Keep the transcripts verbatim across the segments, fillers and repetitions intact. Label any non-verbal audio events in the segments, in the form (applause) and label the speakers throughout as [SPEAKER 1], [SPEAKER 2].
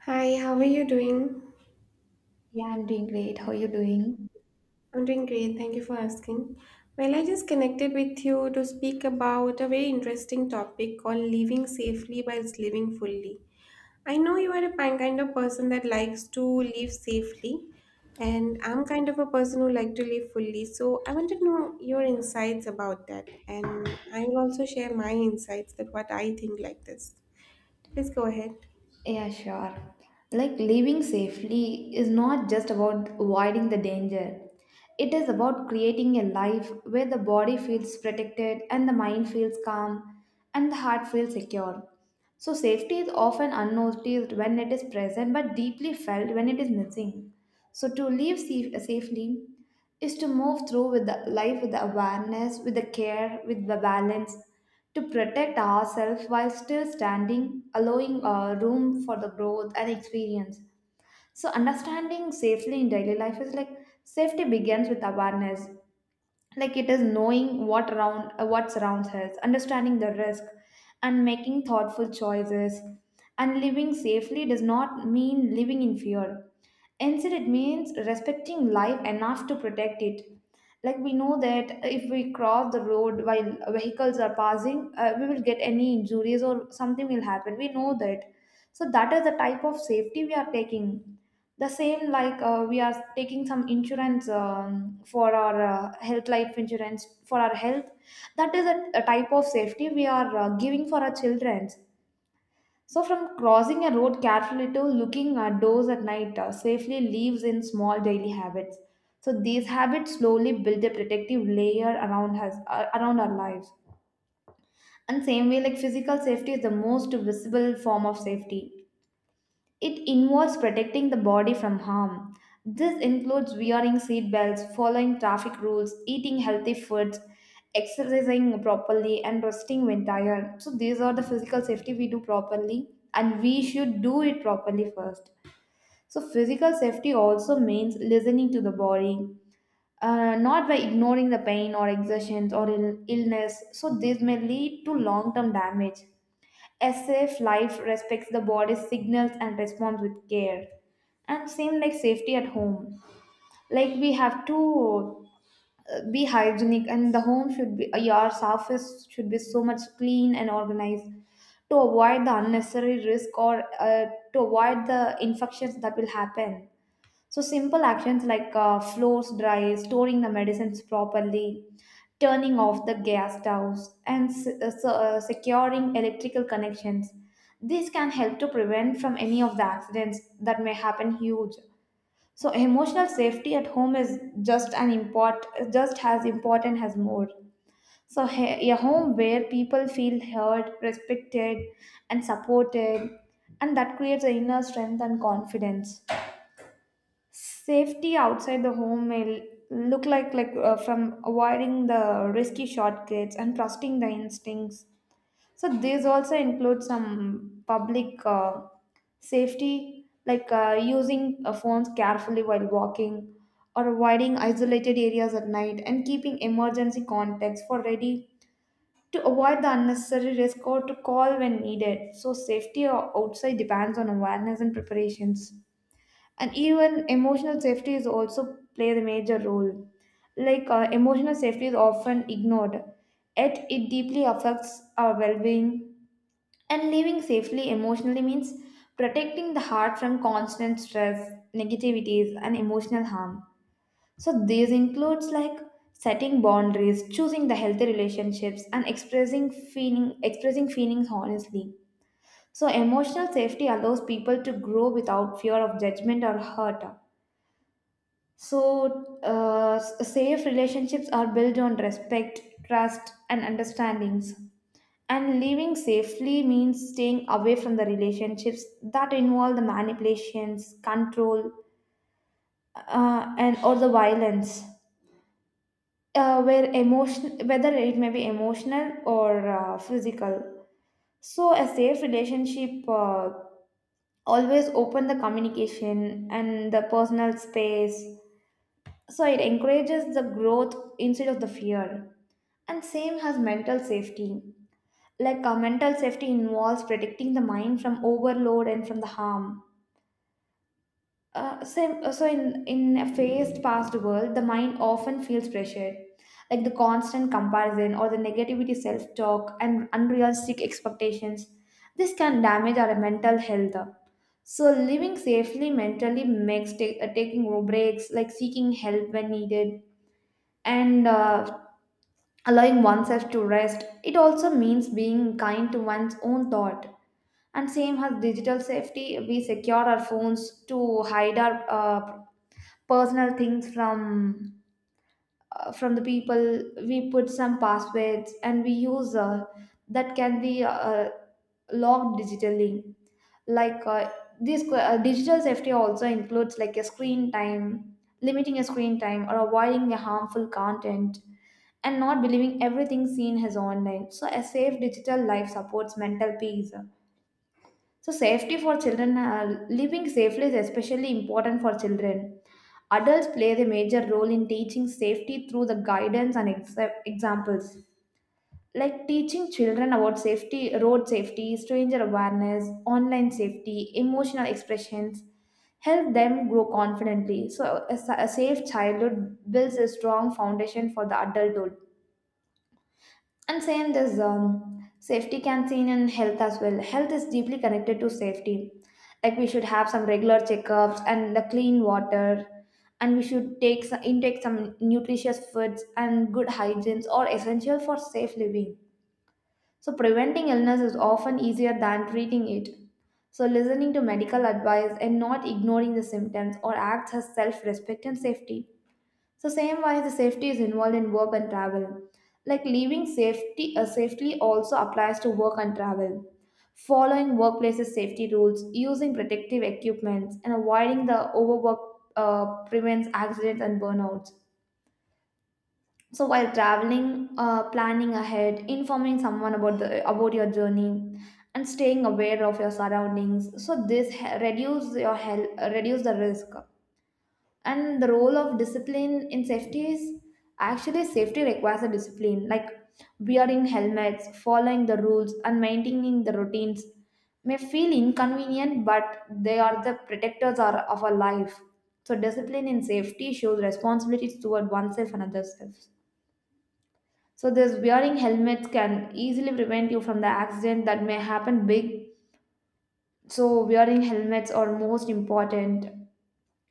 [SPEAKER 1] Hi, how are you doing?
[SPEAKER 2] Yeah, I'm doing great. How are you doing?
[SPEAKER 1] I'm doing great. Thank you for asking. Well, I just connected with you to speak about a very interesting topic called living safely while living fully. I know you are a pi- kind of person that likes to live safely, and I'm kind of a person who like to live fully. So I want to know your insights about that, and I will also share my insights that what I think like this. Please go ahead.
[SPEAKER 2] Yeah, sure. Like living safely is not just about avoiding the danger. It is about creating a life where the body feels protected and the mind feels calm, and the heart feels secure. So safety is often unnoticed when it is present but deeply felt when it is missing. So to live safe- safely is to move through with the life with the awareness, with the care, with the balance, to protect ourselves while still standing, allowing uh, room for the growth and experience. So understanding safely in daily life is like, safety begins with awareness. Like it is knowing what around, uh, what surrounds us, understanding the risk and making thoughtful choices. And living safely does not mean living in fear. Instead, it means respecting life enough to protect it. Like, we know that if we cross the road while vehicles are passing, uh, we will get any injuries or something will happen, we know that. So that is the type of safety we are taking. The same like, uh, we are taking some insurance, um, for our, uh, health, life insurance for our health. That is a, a type of safety we are, uh, giving for our children. So from crossing a road carefully to looking at doors at night, uh, safely leaves in small daily habits. So these habits slowly build a protective layer around us, uh, around our lives. And same way, like, physical safety is the most visible form of safety. It involves protecting the body from harm. This includes wearing seat belts, following traffic rules, eating healthy foods, exercising properly, and resting when tired. So, these are the physical safety we do properly, and we should do it properly first. So, physical safety also means listening to the body, uh, not by ignoring the pain or exertions or Ill- illness. So, this may lead to long term damage, as if life respects the body's signals and responds with care. And same like safety at home. Like, we have to, uh, be hygienic, and the home should be, uh, your surface should be so much clean and organized to avoid the unnecessary risk, or uh, to avoid the infections that will happen. So simple actions like, uh, floors dry, storing the medicines properly, turning off the gas stoves, and se- uh, se- uh, securing electrical connections. These can help to prevent from any of the accidents that may happen huge. So emotional safety at home is just an import, just as important as more. So he- a home where people feel heard, respected, and supported, and that creates an inner strength and confidence. Safety outside the home may look like, like uh, from avoiding the risky shortcuts and trusting the instincts. So these also include some public, uh, safety, like, uh, using, uh, phones carefully while walking, or avoiding isolated areas at night, and keeping emergency contacts for ready to avoid the unnecessary risk or to call when needed. So safety o- outside depends on awareness and preparations. And even emotional safety is also play the major role. Like, uh, emotional safety is often ignored, yet it deeply affects our well-being. And living safely emotionally means protecting the heart from constant stress, negativities, and emotional harm. So these includes like setting boundaries, choosing the healthy relationships, and expressing feeling expressing feelings honestly. So emotional safety allows people to grow without fear of judgment or hurt. So, uh, s- safe relationships are built on respect, trust, and understandings. And living safely means staying away from the relationships that involve the manipulations, control, uh, and or the violence, uh, where emotion, whether it may be emotional or uh, physical. So, a safe relationship, uh, always open the communication and the personal space. So it encourages the growth instead of the fear. And same has mental safety. Like, uh, mental safety involves protecting the mind from overload and from the harm. Uh, same, uh, so in, in a fast past world, the mind often feels pressured, like the constant comparison or the negativity self-talk and unrealistic expectations. This can damage our mental health. So living safely mentally makes ta- uh, taking breaks, like seeking help when needed, and uh, allowing oneself to rest. It also means being kind to one's own thought. And same as digital safety, we secure our phones to hide our, uh, personal things from, uh, from the people. We put some passwords and we use, uh, that can be, uh, logged digitally. Like, uh, this que- uh, digital safety also includes like a screen time, limiting a screen time or avoiding a harmful content, and not believing everything seen as online. So, a safe digital life supports mental peace. So, safety for children, uh, living safely is especially important for children. Adults play a major role in teaching safety through the guidance and ex- examples. Like teaching children about safety, road safety, stranger awareness, online safety, emotional expressions, help them grow confidently. So, a, sa- a safe childhood builds a strong foundation for the adulthood. And same there's, um, safety canteen and health as well. Health is deeply connected to safety. Like, we should have some regular checkups and the clean water, and we should take some, intake some nutritious foods, and good hygienes are essential for safe living. So preventing illness is often easier than treating it. So listening to medical advice and not ignoring the symptoms or acts as self-respect and safety. So same wise, the safety is involved in work and travel. Like leaving safety, uh, safely also applies to work and travel. Following workplaces safety rules, using protective equipments, and avoiding the overwork, uh, prevents accidents and burnouts. So while traveling, uh, planning ahead, informing someone about the about your journey, and staying aware of your surroundings. So this he- reduce your health, reduce the risk. And the role of discipline in safety is, actually safety requires a discipline, like wearing helmets, following the rules, and maintaining the routines, may feel inconvenient, but they are the protectors are, of our life. So discipline in safety shows responsibilities toward oneself and others. So this wearing helmets can easily prevent you from the accident that may happen big. So wearing helmets are most important.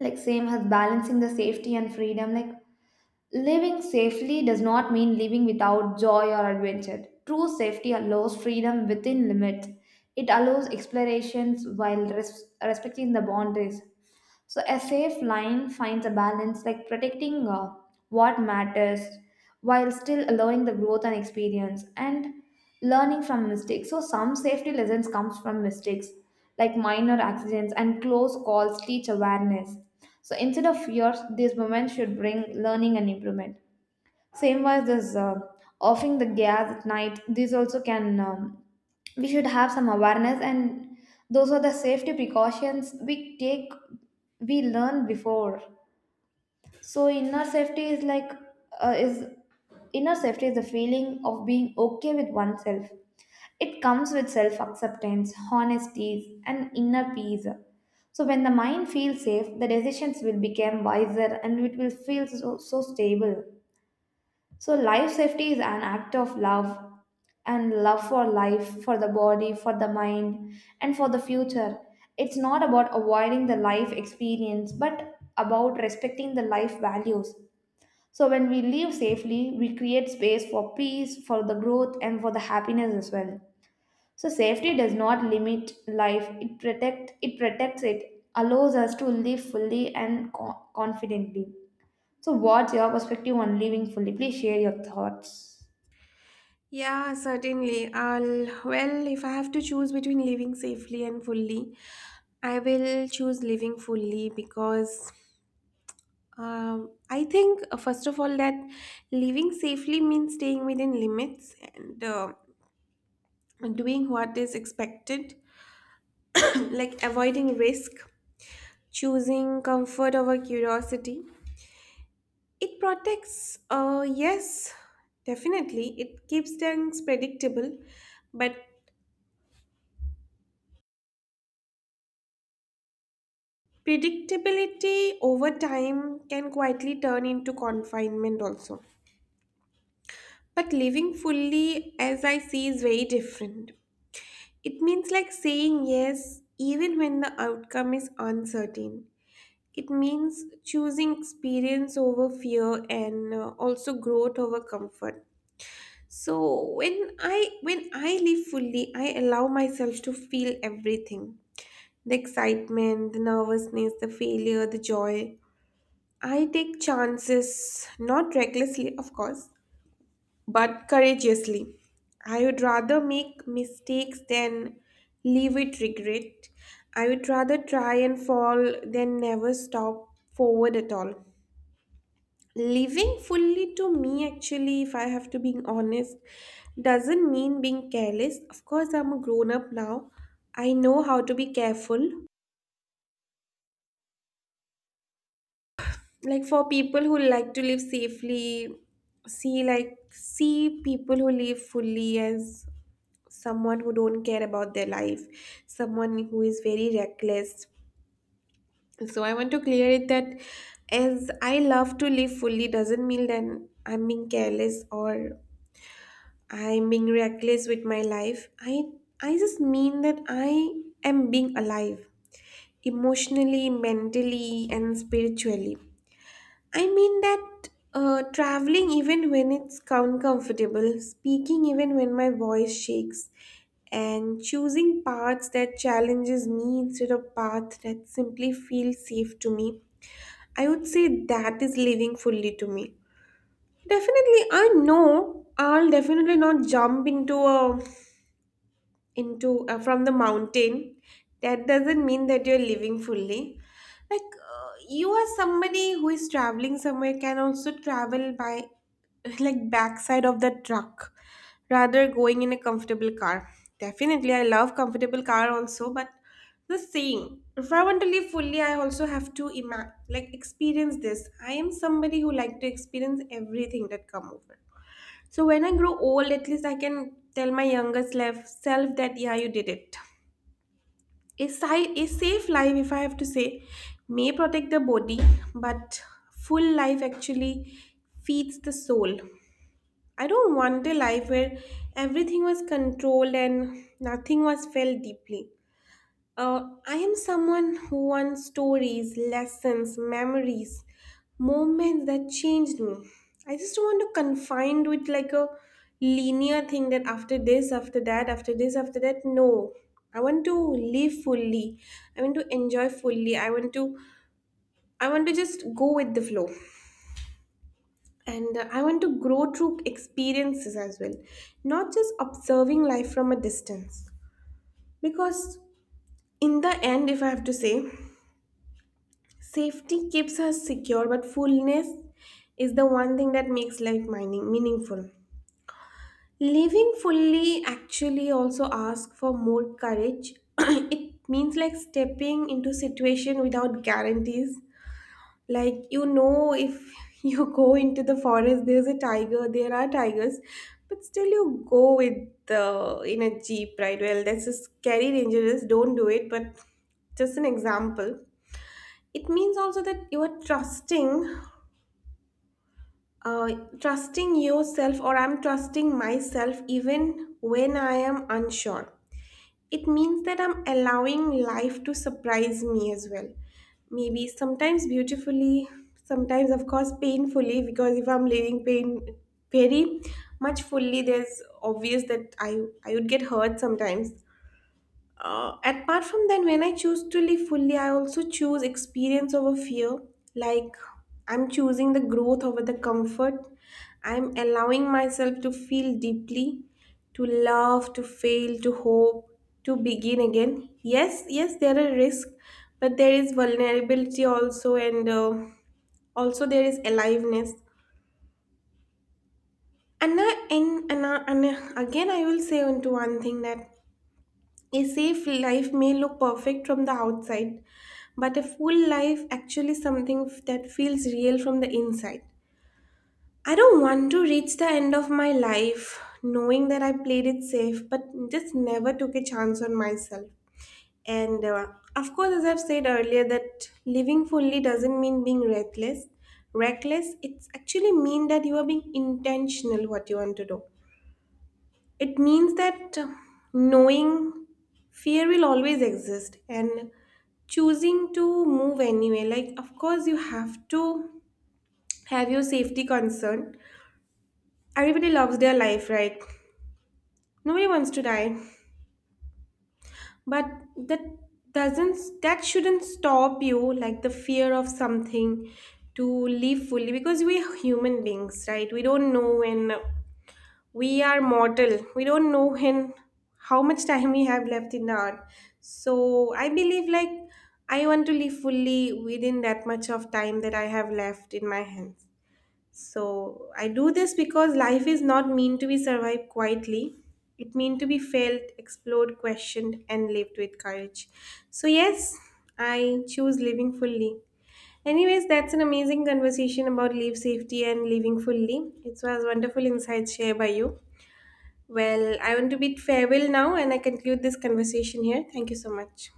[SPEAKER 2] Like same as balancing the safety and freedom, like living safely does not mean living without joy or adventure. True safety allows freedom within limits. It allows explorations while res- respecting the boundaries. So a safe line finds a balance, like protecting, uh, what matters, while still allowing the growth and experience and learning from mistakes. So some safety lessons comes from mistakes, like minor accidents and close calls teach awareness. So instead of fears, these moments should bring learning and improvement. Same was this, uh, offing the gas at night. These also can, um, we should have some awareness, and those are the safety precautions we take. We learn before. So inner safety is like, uh, is inner safety is the feeling of being okay with oneself. It comes with self acceptance, honesty, and inner peace. So, when the mind feels safe, the decisions will become wiser and it will feel so, so stable. So, life safety is an act of love, and love for life, for the body, for the mind, and for the future. It's not about avoiding the life experience, but about respecting the life values. So, when we live safely, we create space for peace, for the growth, and for the happiness as well. So, safety does not limit life, it, protect, it protects it, allows us to live fully and co- confidently. So, what's your perspective on living fully? Please share your thoughts.
[SPEAKER 1] Yeah, certainly. I'll, well, if I have to choose between living safely and fully, I will choose living fully because um, I think, uh, first of all, that living safely means staying within limits and uh, doing what is expected, (clears throat) like avoiding risk, choosing comfort over curiosity. It protects, uh, yes, definitely. It keeps things predictable, but predictability over time can quietly turn into confinement also. But living fully, as I see, is very different. It means like saying yes even when the outcome is uncertain. It means choosing experience over fear and uh, also growth over comfort. So when I when I live fully, I allow myself to feel everything. The excitement, the nervousness, the failure, the joy. I take chances, not recklessly, of course, but courageously. I would rather make mistakes than live with regret. I would rather try and fall than never stop forward at all. Living fully to me, actually, if I have to be honest, doesn't mean being careless. Of course, I'm a grown up now. I know how to be careful, like for people who like to live safely, see, like see people who live fully as someone who don't care about their life, someone who is very reckless. So I want to clear it that as I love to live fully doesn't mean that I'm being careless or I'm being reckless with my life. I i just mean that I am being alive emotionally, mentally, and spiritually. I mean that uh, traveling, even when it's uncomfortable, speaking, even when my voice shakes, and choosing paths that challenges me instead of paths that simply feel safe to me, I would say that is living fully to me. Definitely, I know I'll definitely not jump into a into uh, from the mountain. That doesn't mean that you're living fully. Like uh, you are somebody who is traveling somewhere can also travel by (laughs) like backside of the truck rather going in a comfortable car. Definitely I love comfortable car also, but the same, if I want to live fully, I also have to ima- like experience this. I am somebody who like to experience everything that come over. So when I grow old, at least I can tell my younger self, self that yeah, you did it. A, si- a safe life, if I have to say, may protect the body, but full life actually feeds the soul. I don't want a life where everything was controlled and nothing was felt deeply. Uh, I am someone who wants stories, lessons, memories, moments that changed me. I just don't want to confined with like a linear thing that after this, after that, after this, after that. No, I want to live fully. I want to enjoy fully. I want to, I want to just go with the flow. And uh, I want to grow through experiences as well, not just observing life from a distance. Because in the end, if I have to say, safety keeps us secure, but fullness is the one thing that makes life mining meaningful. Living fully actually also asks for more courage. (coughs) (clears throat) It means like stepping into situation without guarantees. Like you know, if (laughs) you go into the forest, there's a tiger. There are tigers, but still you go with the in a jeep, right? Well, that's a scary, dangerous. Don't do it. But just an example. It means also that you are trusting uh, trusting yourself, or I'm trusting myself even when I am unsure. It means that I'm allowing life to surprise me as well, maybe sometimes beautifully, sometimes of course painfully, because if I'm living pain very much fully, there's obvious that i i would get hurt sometimes. Uh, apart from that, when I choose to live fully, I also choose experience over fear. Like, I'm choosing the growth over the comfort. I'm allowing myself to feel deeply, to love, to fail, to hope, to begin again. Yes, yes, there are risks, but there is vulnerability also, and uh, also there is aliveness. And, I, and, and, I- and I- again, I will say onto one thing that a safe life may look perfect from the outside, but a full life actually something that feels real from the inside. I don't want to reach the end of my life knowing that I played it safe, but just never took a chance on myself. And uh, of course, as I've said earlier, that living fully doesn't mean being reckless. Reckless, it's actually mean that you are being intentional what you want to do. It means that knowing fear will always exist and choosing to move anyway. Like, of course, you have to have your safety concern. Everybody loves their life, right? Nobody wants to die. But that doesn't, that shouldn't stop you, like the fear of something, to live fully, because we're human beings, right? We don't know when we are mortal. We don't know when, how much time we have left in the earth. So I believe like I want to live fully within that much of time that I have left in my hands. So I do this because life is not meant to be survived quietly. It meant to be felt, explored, questioned, and lived with courage. So yes, I choose living fully. Anyways, that's an amazing conversation about life safety and living fully. It was wonderful insights shared by you. Well, I want to bid farewell now and I conclude this conversation here. Thank you so much.